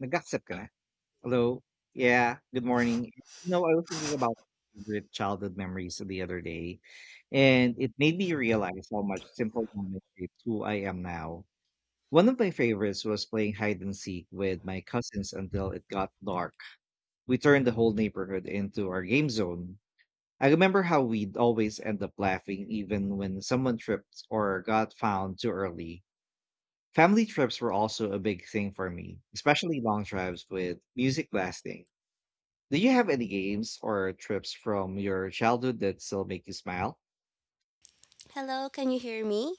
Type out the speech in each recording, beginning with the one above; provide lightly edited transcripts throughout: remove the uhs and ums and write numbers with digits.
Nag-accept ka na? Hello? Yeah, good morning. You know, I was thinking about favorite childhood memories the other day, and it made me realize how much simple moments shaped who I am now. One of my favorites was playing hide and seek with my cousins until it got dark. We turned the whole neighborhood into our game zone. I remember how we'd always end up laughing even when someone tripped or got found too early. Family trips were also a big thing for me, especially long drives with music blasting. Do you have any games or trips from your childhood that still make you smile? Hello, can you hear me?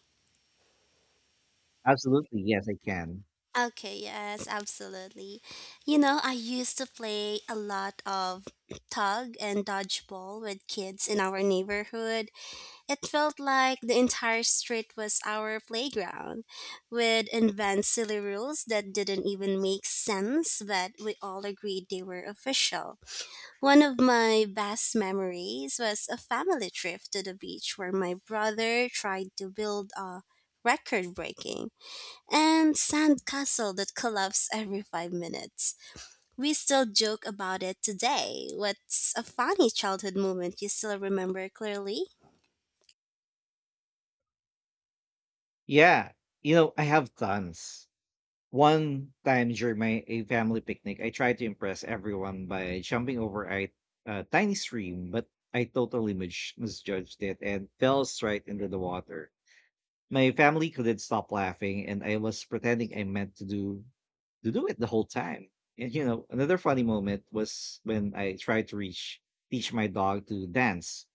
Absolutely. Yes, I can. Okay, yes, absolutely. I used to play a lot of tug and dodgeball with kids in our neighborhood. It felt like the entire street was our playground. We'd invent silly rules that didn't even make sense, but we all agreed they were official. One of my best memories was a family trip to the beach where my brother tried to build a record breaking and sandcastle that collapse every 5 minutes. We still joke about it today. What's a funny childhood moment you still remember clearly? Yeah. You know, I have tons. One time during my a family picnic, I tried to impress everyone by jumping over a tiny stream, but I totally misjudged it and fell straight into the water. My family couldn't stop laughing, and I was pretending I meant to do it the whole time. And you know, another funny moment was when I tried to reach teach my dog to dance,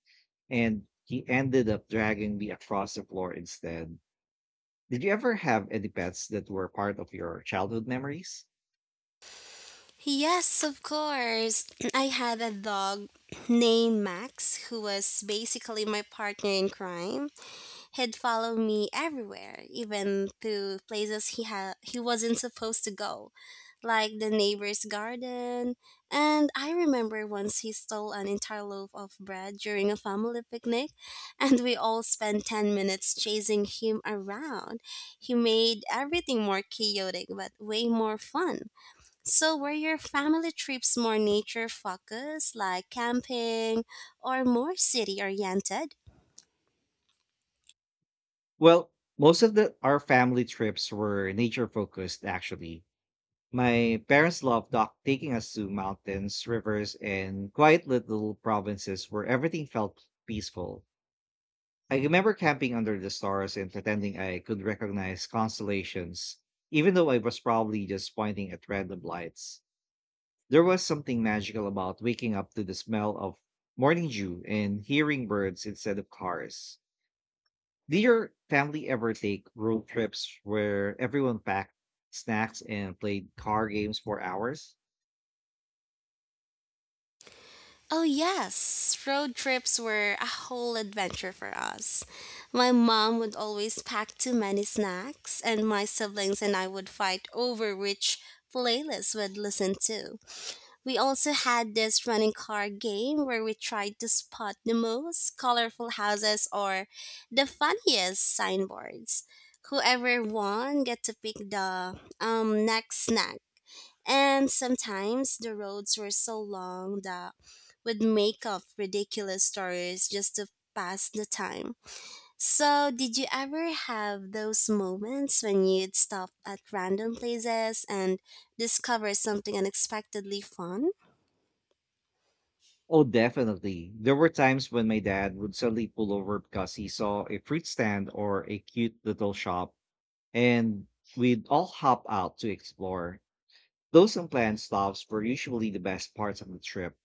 and he ended up dragging me across the floor instead. Did you ever have any pets that were part of your childhood memories? Yes, of course. I had a dog named Max who was basically my partner in crime. He'd follow me everywhere, even to places he wasn't supposed to go, like the neighbor's garden. And I remember once he stole an entire loaf of bread during a family picnic, and we all spent 10 minutes chasing him around. He made everything more chaotic but way more fun. So, were your family trips more nature focused, like camping, or more city oriented? Well, most of the our family trips were nature focused actually. My parents loved dog taking us to mountains, rivers, and quiet little provinces where everything felt peaceful. I remember camping under the stars and pretending I could recognize constellations, even though I was probably just pointing at random lights. There was something magical about waking up to the smell of morning dew and hearing birds instead of cars. Did your family ever take road trips where everyone packed snacks and played car games for hours? Oh, yes. Road trips were a whole adventure for us. My mom would always pack too many snacks, and my siblings and I would fight over which playlist we'd listen to. We also had this running car game where we tried to spot the most colorful houses or the funniest signboards. Whoever won get to pick the next snack, and sometimes the roads were so long that would make up ridiculous stories just to pass the time. So, did you ever have those moments when you'd stop at random places and discover something unexpectedly fun? Oh, definitely. There were times when my dad would suddenly pull over because he saw a fruit stand or a cute little shop, and we'd all hop out to explore. Those unplanned stops were usually the best parts of the trip.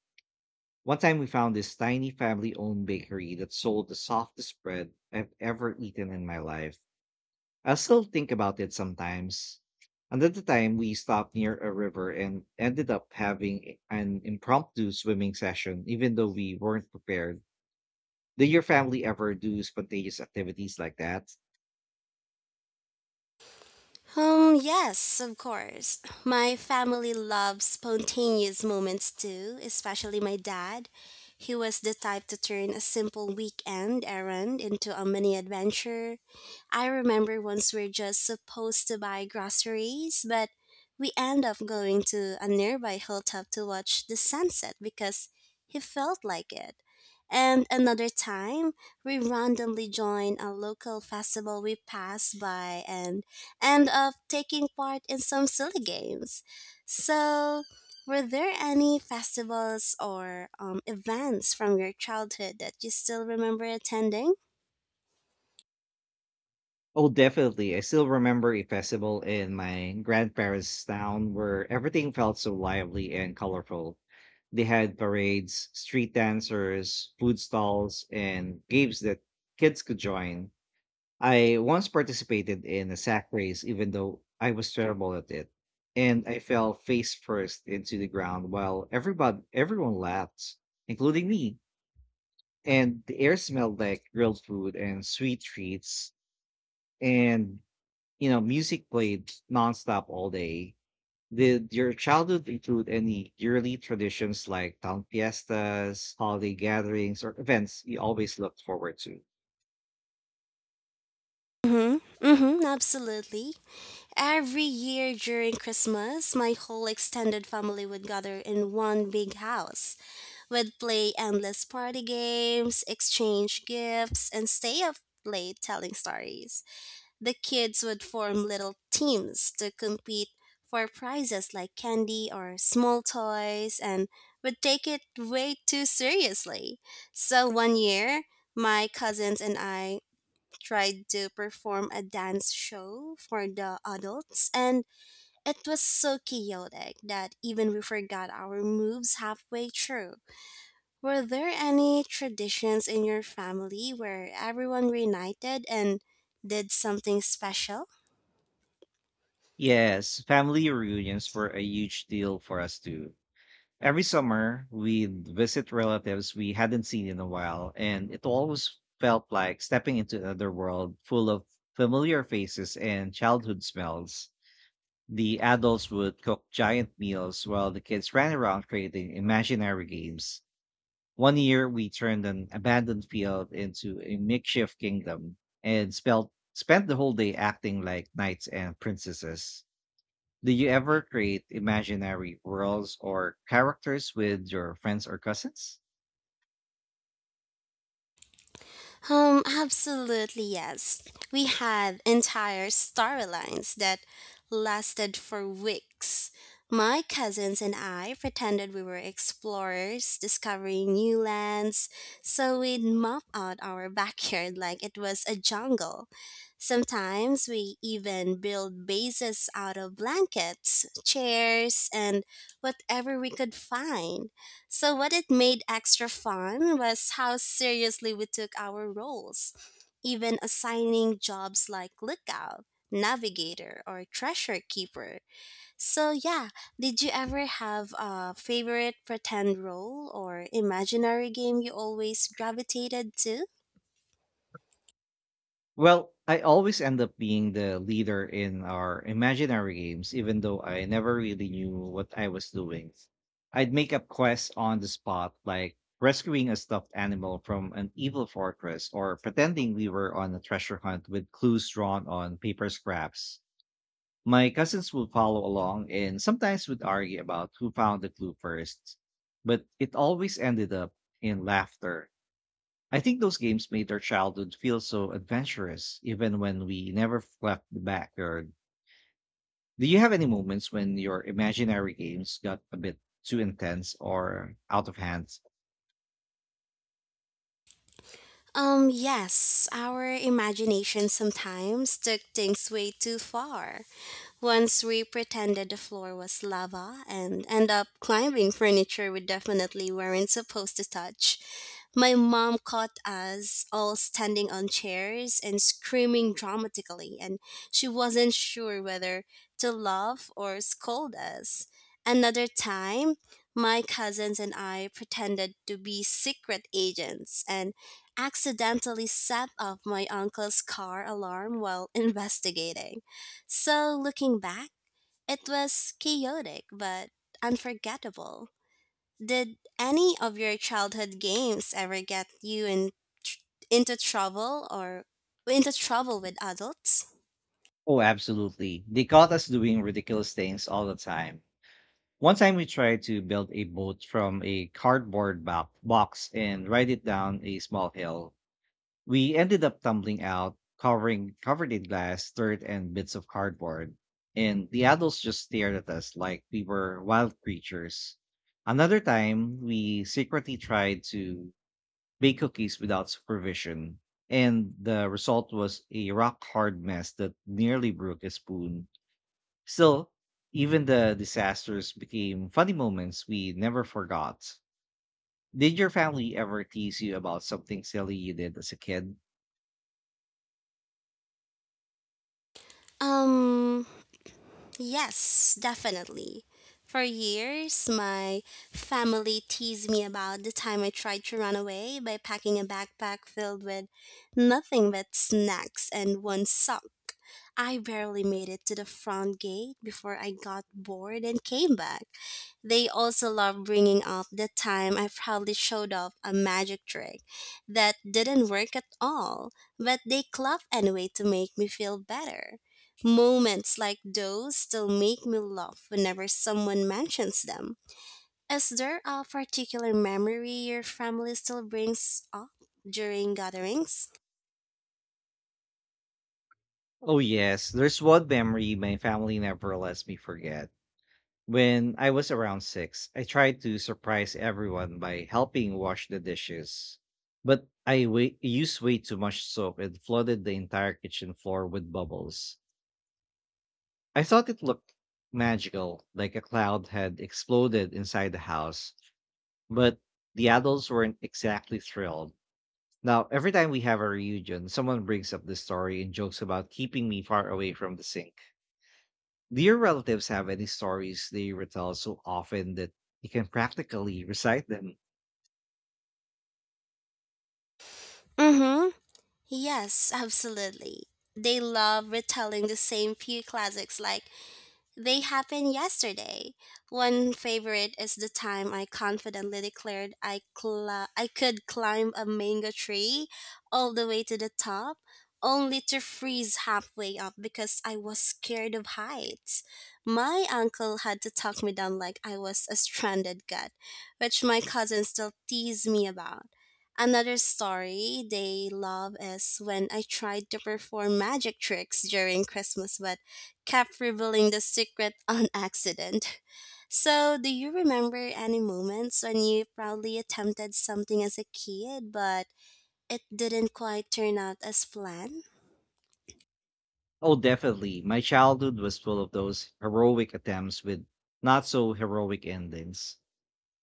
One time we found this tiny family owned bakery that sold the softest bread I've ever eaten in my life. I still think about it sometimes. Another time we stopped near a river and ended up having an impromptu swimming session, even though we weren't prepared. Did your family ever do spontaneous activities like that? Yes, of course. My family loves spontaneous moments too, especially my dad. He was the type to turn a simple weekend errand into a mini adventure. I remember once we are just supposed to buy groceries, but we end up going to a nearby hilltop to watch the sunset because he felt like it. And another time, we randomly joined a local festival we passed by and of taking part in some silly games. So, were there any festivals or events from your childhood that you still remember attending? Oh, definitely. I still remember a festival in my grandparents' town where everything felt so lively and colorful. They had parades, street dancers, food stalls, and games that kids could join. I once participated in a sack race, even though I was terrible at it, and I fell face first into the ground while everybody everyone laughed, including me. And the air smelled like grilled food and sweet treats, and music played nonstop all day. Did your childhood include any yearly traditions like town fiestas, holiday gatherings, or events you always looked forward to? Mm-hmm. Mm-hmm. Absolutely. Every year during Christmas, my whole extended family would gather in one big house. We'd play endless party games, exchange gifts, and stay up late telling stories. The kids would form little teams to compete for prizes like candy or small toys, and would take it way too seriously. So one year, my cousins and I tried to perform a dance show for the adults, and it was so chaotic that even we forgot our moves halfway through. Were there any traditions in your family where everyone reunited and did something special? Yes, family reunions were a huge deal for us too. Every summer, we'd visit relatives we hadn't seen in a while, and it always felt like stepping into another world full of familiar faces and childhood smells. The adults would cook giant meals while the kids ran around creating imaginary games. One year, we turned an abandoned field into a makeshift kingdom and spent the whole day acting like knights and princesses. Do you ever create imaginary worlds or characters with your friends or cousins? Absolutely, yes. We had entire storylines that lasted for weeks. My cousins and I pretended we were explorers discovering new lands, so we'd map out our backyard like it was a jungle. Sometimes we even built bases out of blankets, chairs, and whatever we could find. So, what it made extra fun was how seriously we took our roles, even assigning jobs like lookout, navigator, or treasure keeper. So, yeah, did you ever have a favorite pretend role or imaginary game you always gravitated to? Well, I always end up being the leader in our imaginary games, even though I never really knew what I was doing. I'd make up quests on the spot, like rescuing a stuffed animal from an evil fortress or pretending we were on a treasure hunt with clues drawn on paper scraps. My cousins would follow along and sometimes would argue about who found the clue first, but it always ended up in laughter. I think those games made our childhood feel so adventurous, even when we never left the backyard. Do you have any moments when your imaginary games got a bit too intense or out of hand? Yes, our imagination sometimes took things way too far. Once we pretended the floor was lava and end up climbing furniture we definitely weren't supposed to touch. My mom caught us all standing on chairs and screaming dramatically, and she wasn't sure whether to laugh or scold us. Another time, my cousins and I pretended to be secret agents and accidentally set off my uncle's car alarm while investigating. So, looking back, it was chaotic but unforgettable. Did any of your childhood games ever get you tr- into trouble, or into trouble with adults? Oh, absolutely. They caught us doing ridiculous things all the time. One time we tried to build a boat from a cardboard box and ride it down a small hill. We ended up tumbling out, covering covered in glass, dirt, and bits of cardboard. And the adults just stared at us like we were wild creatures. Another time, we secretly tried to bake cookies without supervision, and the result was a rock hard mess that nearly broke a spoon. Still, even the disasters became funny moments we never forgot. Did your family ever tease you about something silly you did as a kid? Um, Yes, definitely. For years, my family teased me about the time I tried to run away by packing a backpack filled with nothing but snacks and one sock. I barely made it to the front gate before I got bored and came back. They also love bringing up the time I proudly showed off a magic trick that didn't work at all, but they clap anyway to make me feel better. Moments like those still make me laugh whenever someone mentions them. Is there a particular memory your family still brings up during gatherings? Oh, yes. There's one memory my family never lets me forget. When I was around six, I tried to surprise everyone by helping wash the dishes. But I used way too much soap and flooded the entire kitchen floor with bubbles. I thought it looked magical, like a cloud had exploded inside the house, but the adults weren't exactly thrilled. Now, every time we have a reunion, someone brings up this story and jokes about keeping me far away from the sink. Do your relatives have any stories they retell so often that you can practically recite them? Mm-hmm. Yes, absolutely. They love retelling the same few classics like they happened yesterday. One favorite is the time I confidently declared I could climb a mango tree all the way to the top, only to freeze halfway up because I was scared of heights. My uncle had to talk me down like I was a stranded cat, which my cousins still tease me about. Another story they love is when I tried to perform magic tricks during Christmas, but kept revealing the secret on accident. So, do you remember any moments when you proudly attempted something as a kid, but it didn't quite turn out as planned? Oh, definitely. My childhood was full of those heroic attempts with not so heroic endings.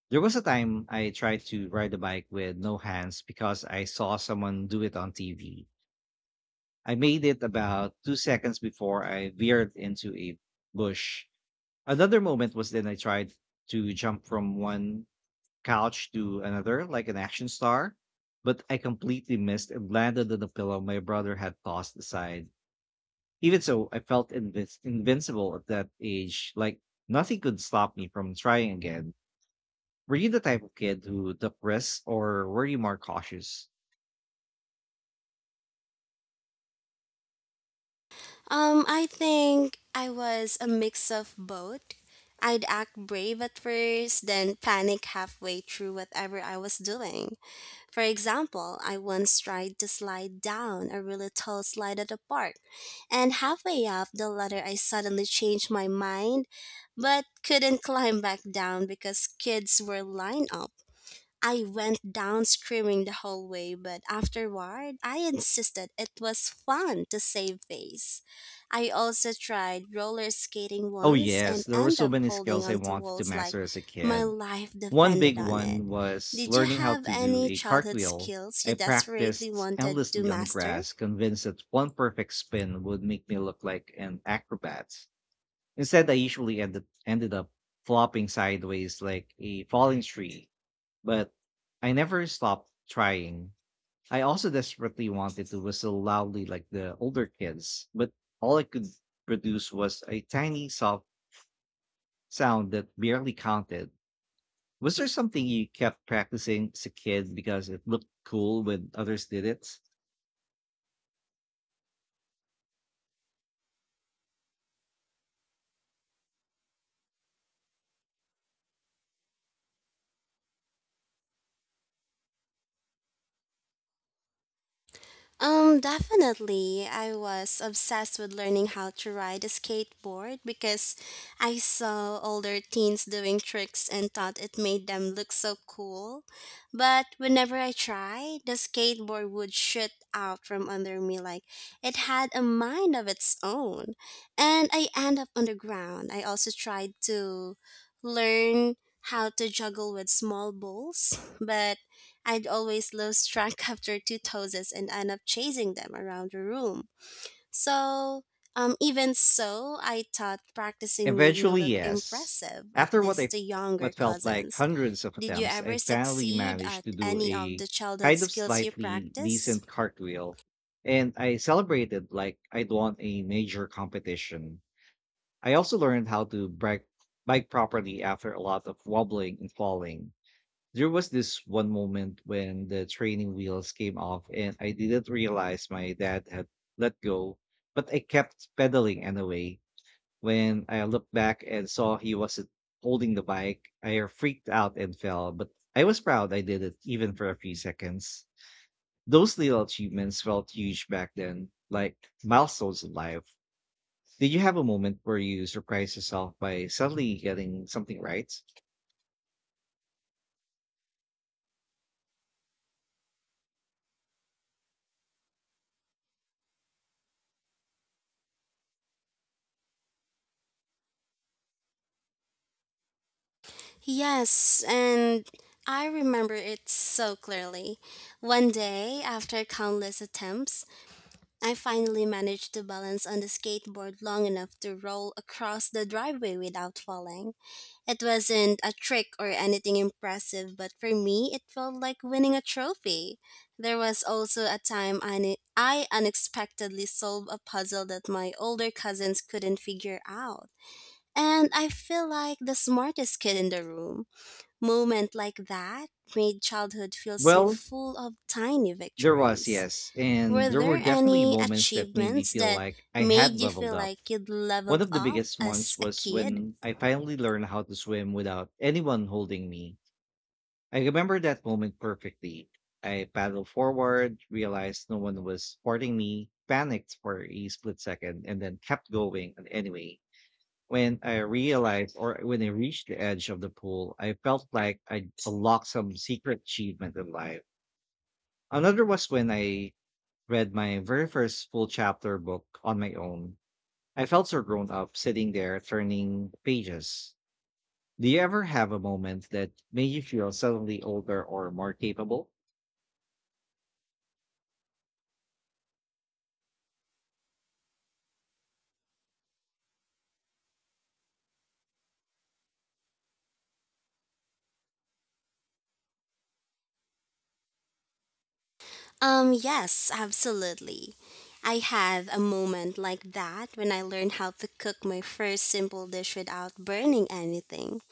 There was a time I tried to ride a bike with no hands because I saw someone do it on TV. I made it about two seconds before I veered into a bush. Another moment was then I tried to jump from one couch to another like an action star, but I completely missed and landed on the pillow my brother had tossed aside. Even so, I felt invincible at that age, like nothing could stop me from trying again. Were you the type of kid who took risks or were you more cautious? I think I was a mix of both. I'd act brave at first, then panic halfway through whatever I was doing. For example, I once tried to slide down a really tall slide at a park, and halfway up the ladder, I suddenly changed my mind but couldn't climb back down because kids were lined up. I went down screaming the whole way, but afterward, I insisted it was fun to save face. I also tried roller skating Oh, once yes, and there were end so up many holding skills I onto wanted to walls like master as a my kid. life One big depended on it. one was Did you learning how have to do any a childhood cartwheel. skills you I desperately practiced wanted to endlessly on the master? grass, convinced that one perfect spin would make me look like an acrobat. Instead, I usually ended up flopping sideways like a falling tree, but I never stopped trying. I also desperately wanted to whistle loudly like the older kids, but all I could produce was a tiny soft sound that barely counted. Was there something you kept practicing as a kid because it looked cool when others did it? Definitely. I was obsessed with learning how to ride a skateboard because I saw older teens doing tricks and thought it made them look so cool. But whenever I tried, the skateboard would shoot out from under me like it had a mind of its own. And I end up on the ground. I also tried to learn how to juggle with small balls, but I'd always lose track after two toasts and end up chasing them around the room. So, even so, I thought practicing made me Eventually, look yes. impressive, at After least the younger what felt like cousins. hundreds of Did you attempts, I ever finally succeed managed at to do any of a the childhood kind of skills you slightly practice? decent cartwheel, and I celebrated like I'd won a major competition. I also learned how to bike properly after a lot of wobbling and falling. There was this one moment when the training wheels came off and I didn't realize my dad had let go, but I kept pedaling anyway. When I looked back and saw he wasn't holding the bike, I freaked out and fell, but I was proud I did it even for a few seconds. Those little achievements felt huge back then, like milestones in life. Did you have a moment where you surprised yourself by suddenly getting something right? Yes, and I remember it so clearly. One day, after countless attempts, I finally managed to balance on the skateboard long enough to roll across the driveway without falling. It wasn't a trick or anything impressive, but for me, it felt like winning a trophy. There was also a time I unexpectedly solved a puzzle that my older cousins couldn't figure out. And I feel like the smartest kid in the room. Moment like that made childhood feel so Well, full of tiny victories. yes. And Were there were there definitely any moments that made me achievements feel that like I made had you leveled feel up. like you'd One leveled of the up biggest ones as a was kid? when I finally learned how to swim without anyone holding me. I remember that moment perfectly. I paddled forward, realized no one was supporting me, panicked for a split second, and then kept going anyway. When I reached the edge of the pool, I felt like I unlocked some secret achievement in life. Another was when I read my very first full chapter book on my own. I felt so grown up sitting there turning pages. Do you ever have a moment that made you feel suddenly older or more capable? Yes, absolutely. I had a moment like that when I learned how to cook my first simple dish without burning anything.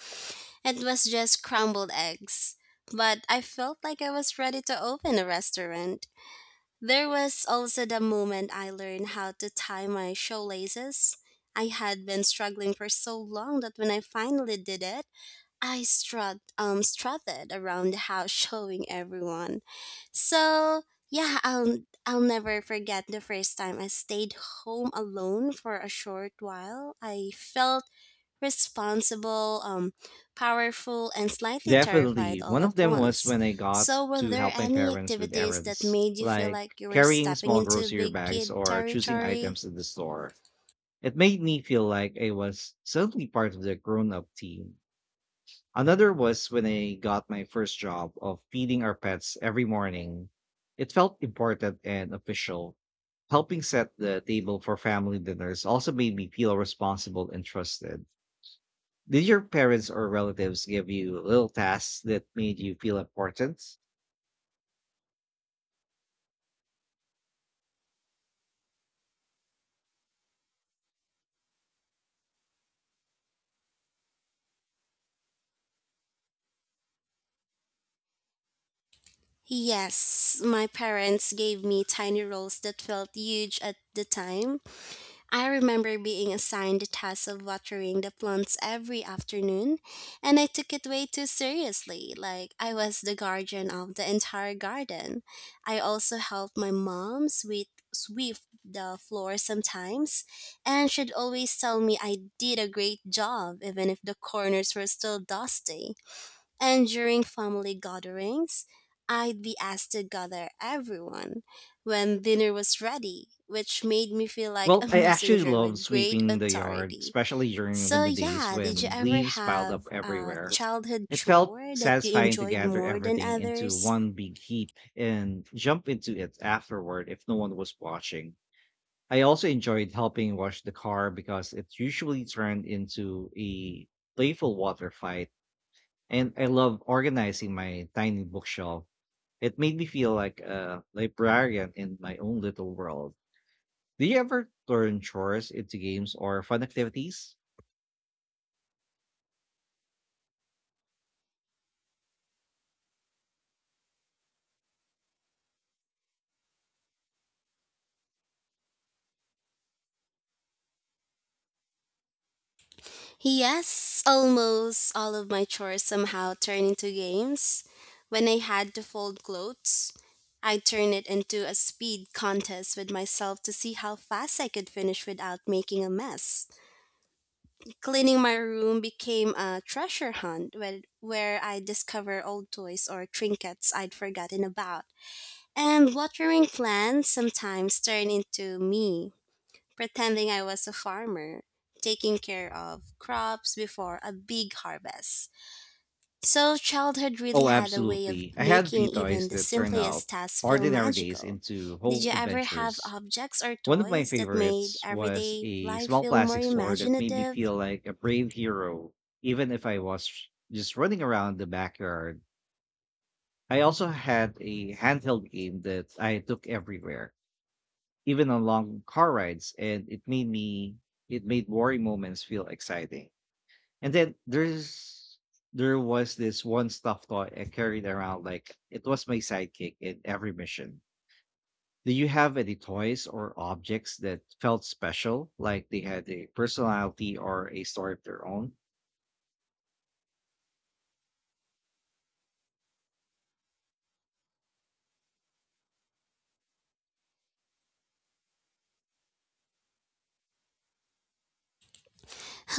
It was just crumbled eggs, but I felt like I was ready to open a restaurant. There was also the moment I learned how to tie my shoelaces. I had been struggling for so long that when I finally did it, I strutted around the house showing everyone. So yeah, I'll never forget the first time I stayed home alone for a short while. I felt responsible, powerful, and slightly terrified Definitely. all One of at them was once. when I got So were to there help my any parents with activities that errands, made you feel like like you were carrying stepping small into grocery big bags kid or choosing territory? items at the store. It made me feel like I was suddenly part of the grown up team. Another was when I got my first job of feeding our pets every morning. It felt important and official. Helping set the table for family dinners also made me feel responsible and trusted. Did your parents or relatives give you little tasks that made you feel important? Yes, my parents gave me tiny roles that felt huge at the time. I remember being assigned the task of watering the plants every afternoon, and I took it way too seriously, like I was the guardian of the entire garden. I also helped my mom sweep the floor sometimes, and she'd always tell me I did a great job, even if the corners were still dusty. And during family gatherings, I'd be asked to gather everyone when dinner was ready, which made me feel like a Well, I actually messenger love with great sweeping the yard, authority. especially during So, winter days yeah, did you when ever leaves piled have up a everywhere. childhood It felt chore that you satisfying to enjoyed gather more than everything into others? one big heap and jump into it afterward if no one was watching. I also enjoyed helping wash the car because it usually turned into a playful water fight. And I love organizing my tiny bookshelf. It made me feel like a librarian in my own little world. Do you ever turn chores into games or fun activities? Yes, almost all of my chores somehow turn into games. When I had to fold clothes, I turned it into a speed contest with myself to see how fast I could finish without making a mess. Cleaning my room became a treasure hunt where I discover old toys or trinkets I'd forgotten about. And watering plants sometimes turn into me pretending I was a farmer, taking care of crops before a big harvest. So, childhood really Oh, had a way of absolutely. I had a making few even toys the that turned out simplest tasks feel ordinary days magical. into Did whole you ever have adventures. objects or One of my toys that made favorites was everyday a life small feel more plastic sword that made me imaginative? feel like a brave hero, even if I was just running around the backyard. I also had a handheld game that I took everywhere, even on long car rides, and it made boring moments feel exciting. And then there was this one stuffed toy I carried around like it was my sidekick in every mission. Do you have any toys or objects that felt special, like they had a personality or a story of their own?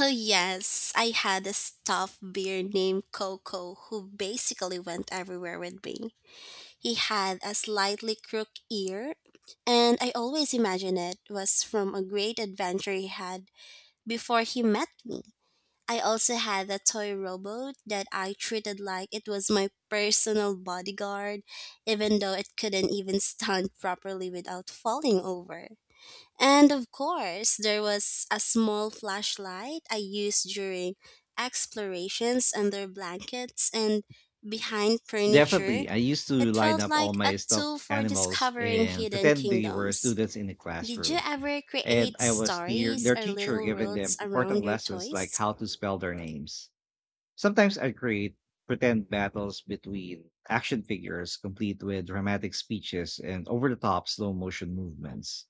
Oh, yes, I had a stuffed bear named Coco who basically went everywhere with me. He had a slightly crooked ear, and I always imagined it was from a great adventure he had before he met me. I also had a toy robot that I treated like it was my personal bodyguard, even though it couldn't even stand properly without falling over. And of course, there was a small flashlight I used during explorations under blankets and behind furniture. Definitely. I used to It line felt up all like a my stuffed tool for animals discovering and hidden pretend they were kingdoms. students in the Did you classroom. ever And create I was stories their or teacher little giving worlds them around important your lessons like toys? how to spell their names. Sometimes I create pretend battles between action figures, complete with dramatic speeches and over the top slow motion movements.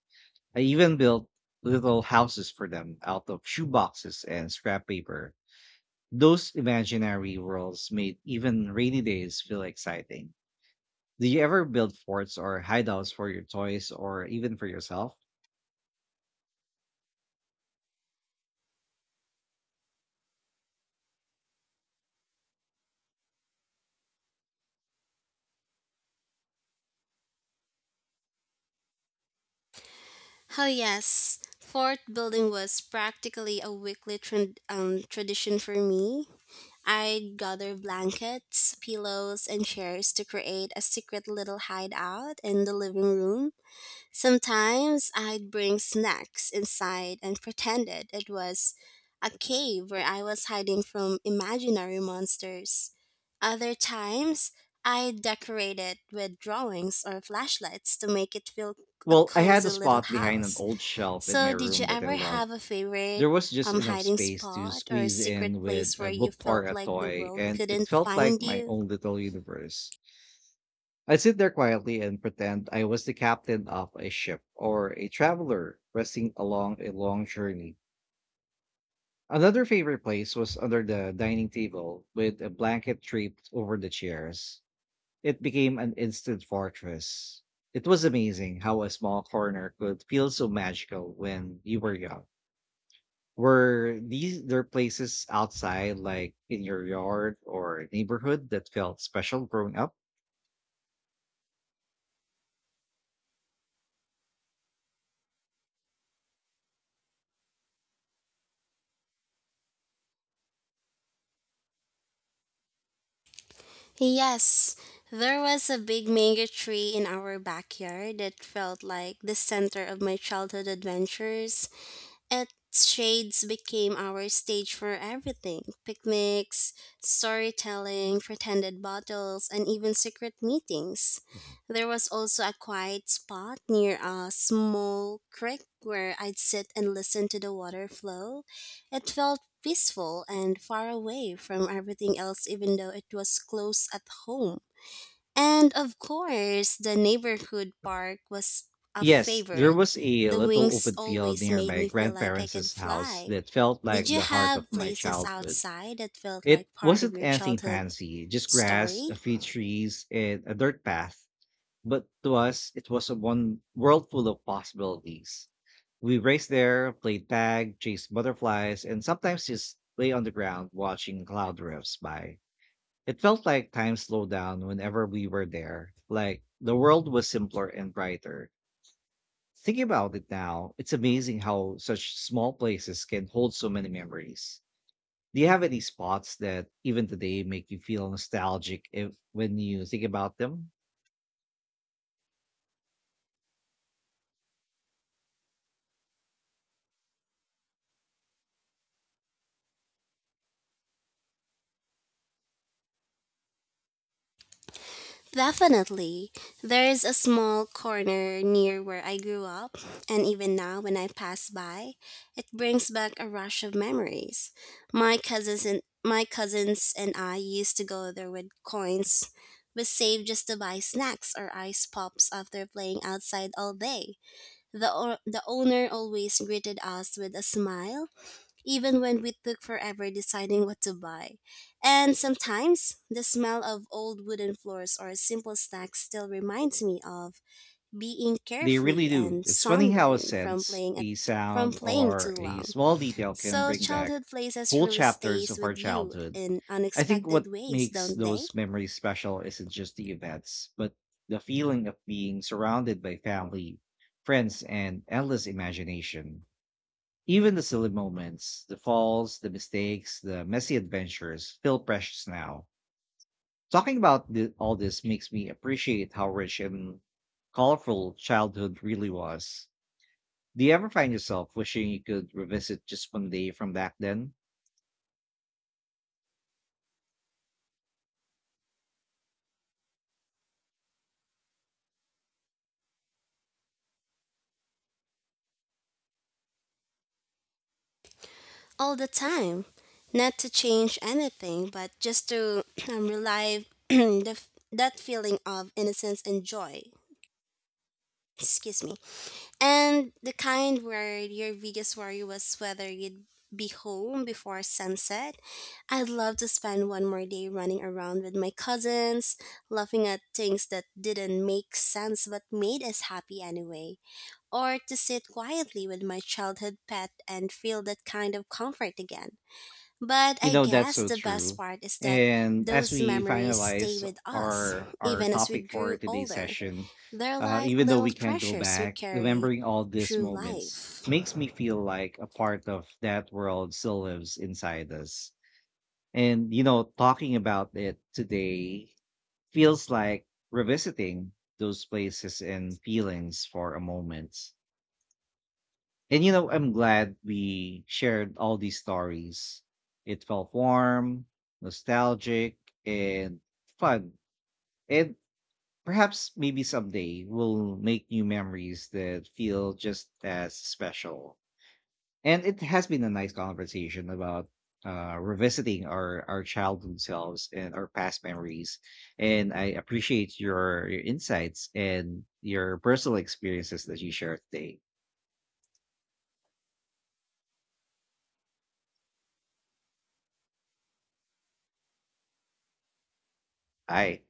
I even built little houses for them out of shoeboxes and scrap paper. Those imaginary worlds made even rainy days feel exciting. Do you ever build forts or hideouts for your toys or even for yourself? Oh, yes. Fort building was practically a weekly tradition for me. I'd gather blankets, pillows, and chairs to create a secret little hideout in the living room. Sometimes I'd bring snacks inside and pretended it was a cave where I was hiding from imaginary monsters. Other times, I'd decorate it with drawings or flashlights to make it feel a Well, I had a cozy little spot behind an house. old shelf in my So, did you room that I ever loved. have a favorite There was just enough hiding space to spot or a squeeze secret in with place where a you book or felt a like the toy, world and it couldn't felt like find my you? own little universe. I'd sit there quietly and pretend I was the captain of a ship or a traveler resting along a long journey. Another favorite place was under the dining table with a blanket draped over the chairs. It became an instant fortress. It was amazing how a small corner could feel so magical when you were young. Were these there places outside, like in your yard or neighborhood, that felt special growing up? Yes, there was a big mango tree in our backyard that felt like the center of my childhood adventures. At Shades became our stage for everything picnics, storytelling, pretended bottles, and even secret meetings. There was also a quiet spot near a small creek where I'd sit and listen to the water flow. It felt peaceful and far away from everything else, even though it was close at home. And of course, the neighborhood park was a Yes, there favorite. was a The little wings open field always near made my me feel like I could grandparents' house fly. that felt Did like you the heart of have my places childhood. outside that felt It like part of wasn't your anything childhood fancy, just grass, story? a few trees, and a dirt path. But to us, it was a one world full of possibilities. We raced there, played tag, chased butterflies, and sometimes just lay on the ground watching cloud drifts by. It felt like time slowed down whenever we were there. Like the world was simpler and brighter. Thinking about it now, it's amazing how such small places can hold so many memories. Do you have any spots that even today make you feel nostalgic if when you think about them? Definitely. There's a small corner near where I grew up, and even now when I pass by, it brings back a rush of memories. My cousins and I used to go there with coins we saved just to buy snacks or ice pops after playing outside all day. The owner always greeted us with a smile even when we took forever deciding what to buy. And sometimes the smell of old wooden floors or simple snacks still reminds me of being They carefree really do. and It's funny how a sunburned sense, a from sound, playing too or a long. small detail can So bring back childhood places whole really chapters stays of our with you childhood. in I think unexpected what ways, makes don't they? those memories special isn't just the events, but the feeling of being surrounded by family, friends, and endless imagination. Even the silly moments, the falls, the mistakes, the messy adventures feel precious now. Talking about all this makes me appreciate how rich and colorful childhood really was. Do you ever find yourself wishing you could revisit just one day from back then? All the time. Not to change anything, but just to relive that feeling of innocence and joy. Excuse me. And the kind where your biggest worry was whether you'd be home before sunset. I'd love to spend one more day running around with my cousins, laughing at things that didn't make sense but made us happy anyway, or to sit quietly with my childhood pet and feel that kind of comfort again. But You I know, that's guess so the best true. part is that And as those we memories stay finalize with us, our even as we topic for grew today's older session, they're like even though little we can't go treasures we back, carry remembering all these through moments life. makes me feel like a part of that world still lives inside us. And you know, talking about it today feels like revisiting those places and feelings for a moment. And you know, I'm glad we shared all these stories. It felt warm, nostalgic, and fun. And perhaps maybe someday we'll make new memories that feel just as special. And it has been a nice conversation about revisiting our childhood selves and our past memories. And I appreciate your insights and your personal experiences that you shared today. Bye.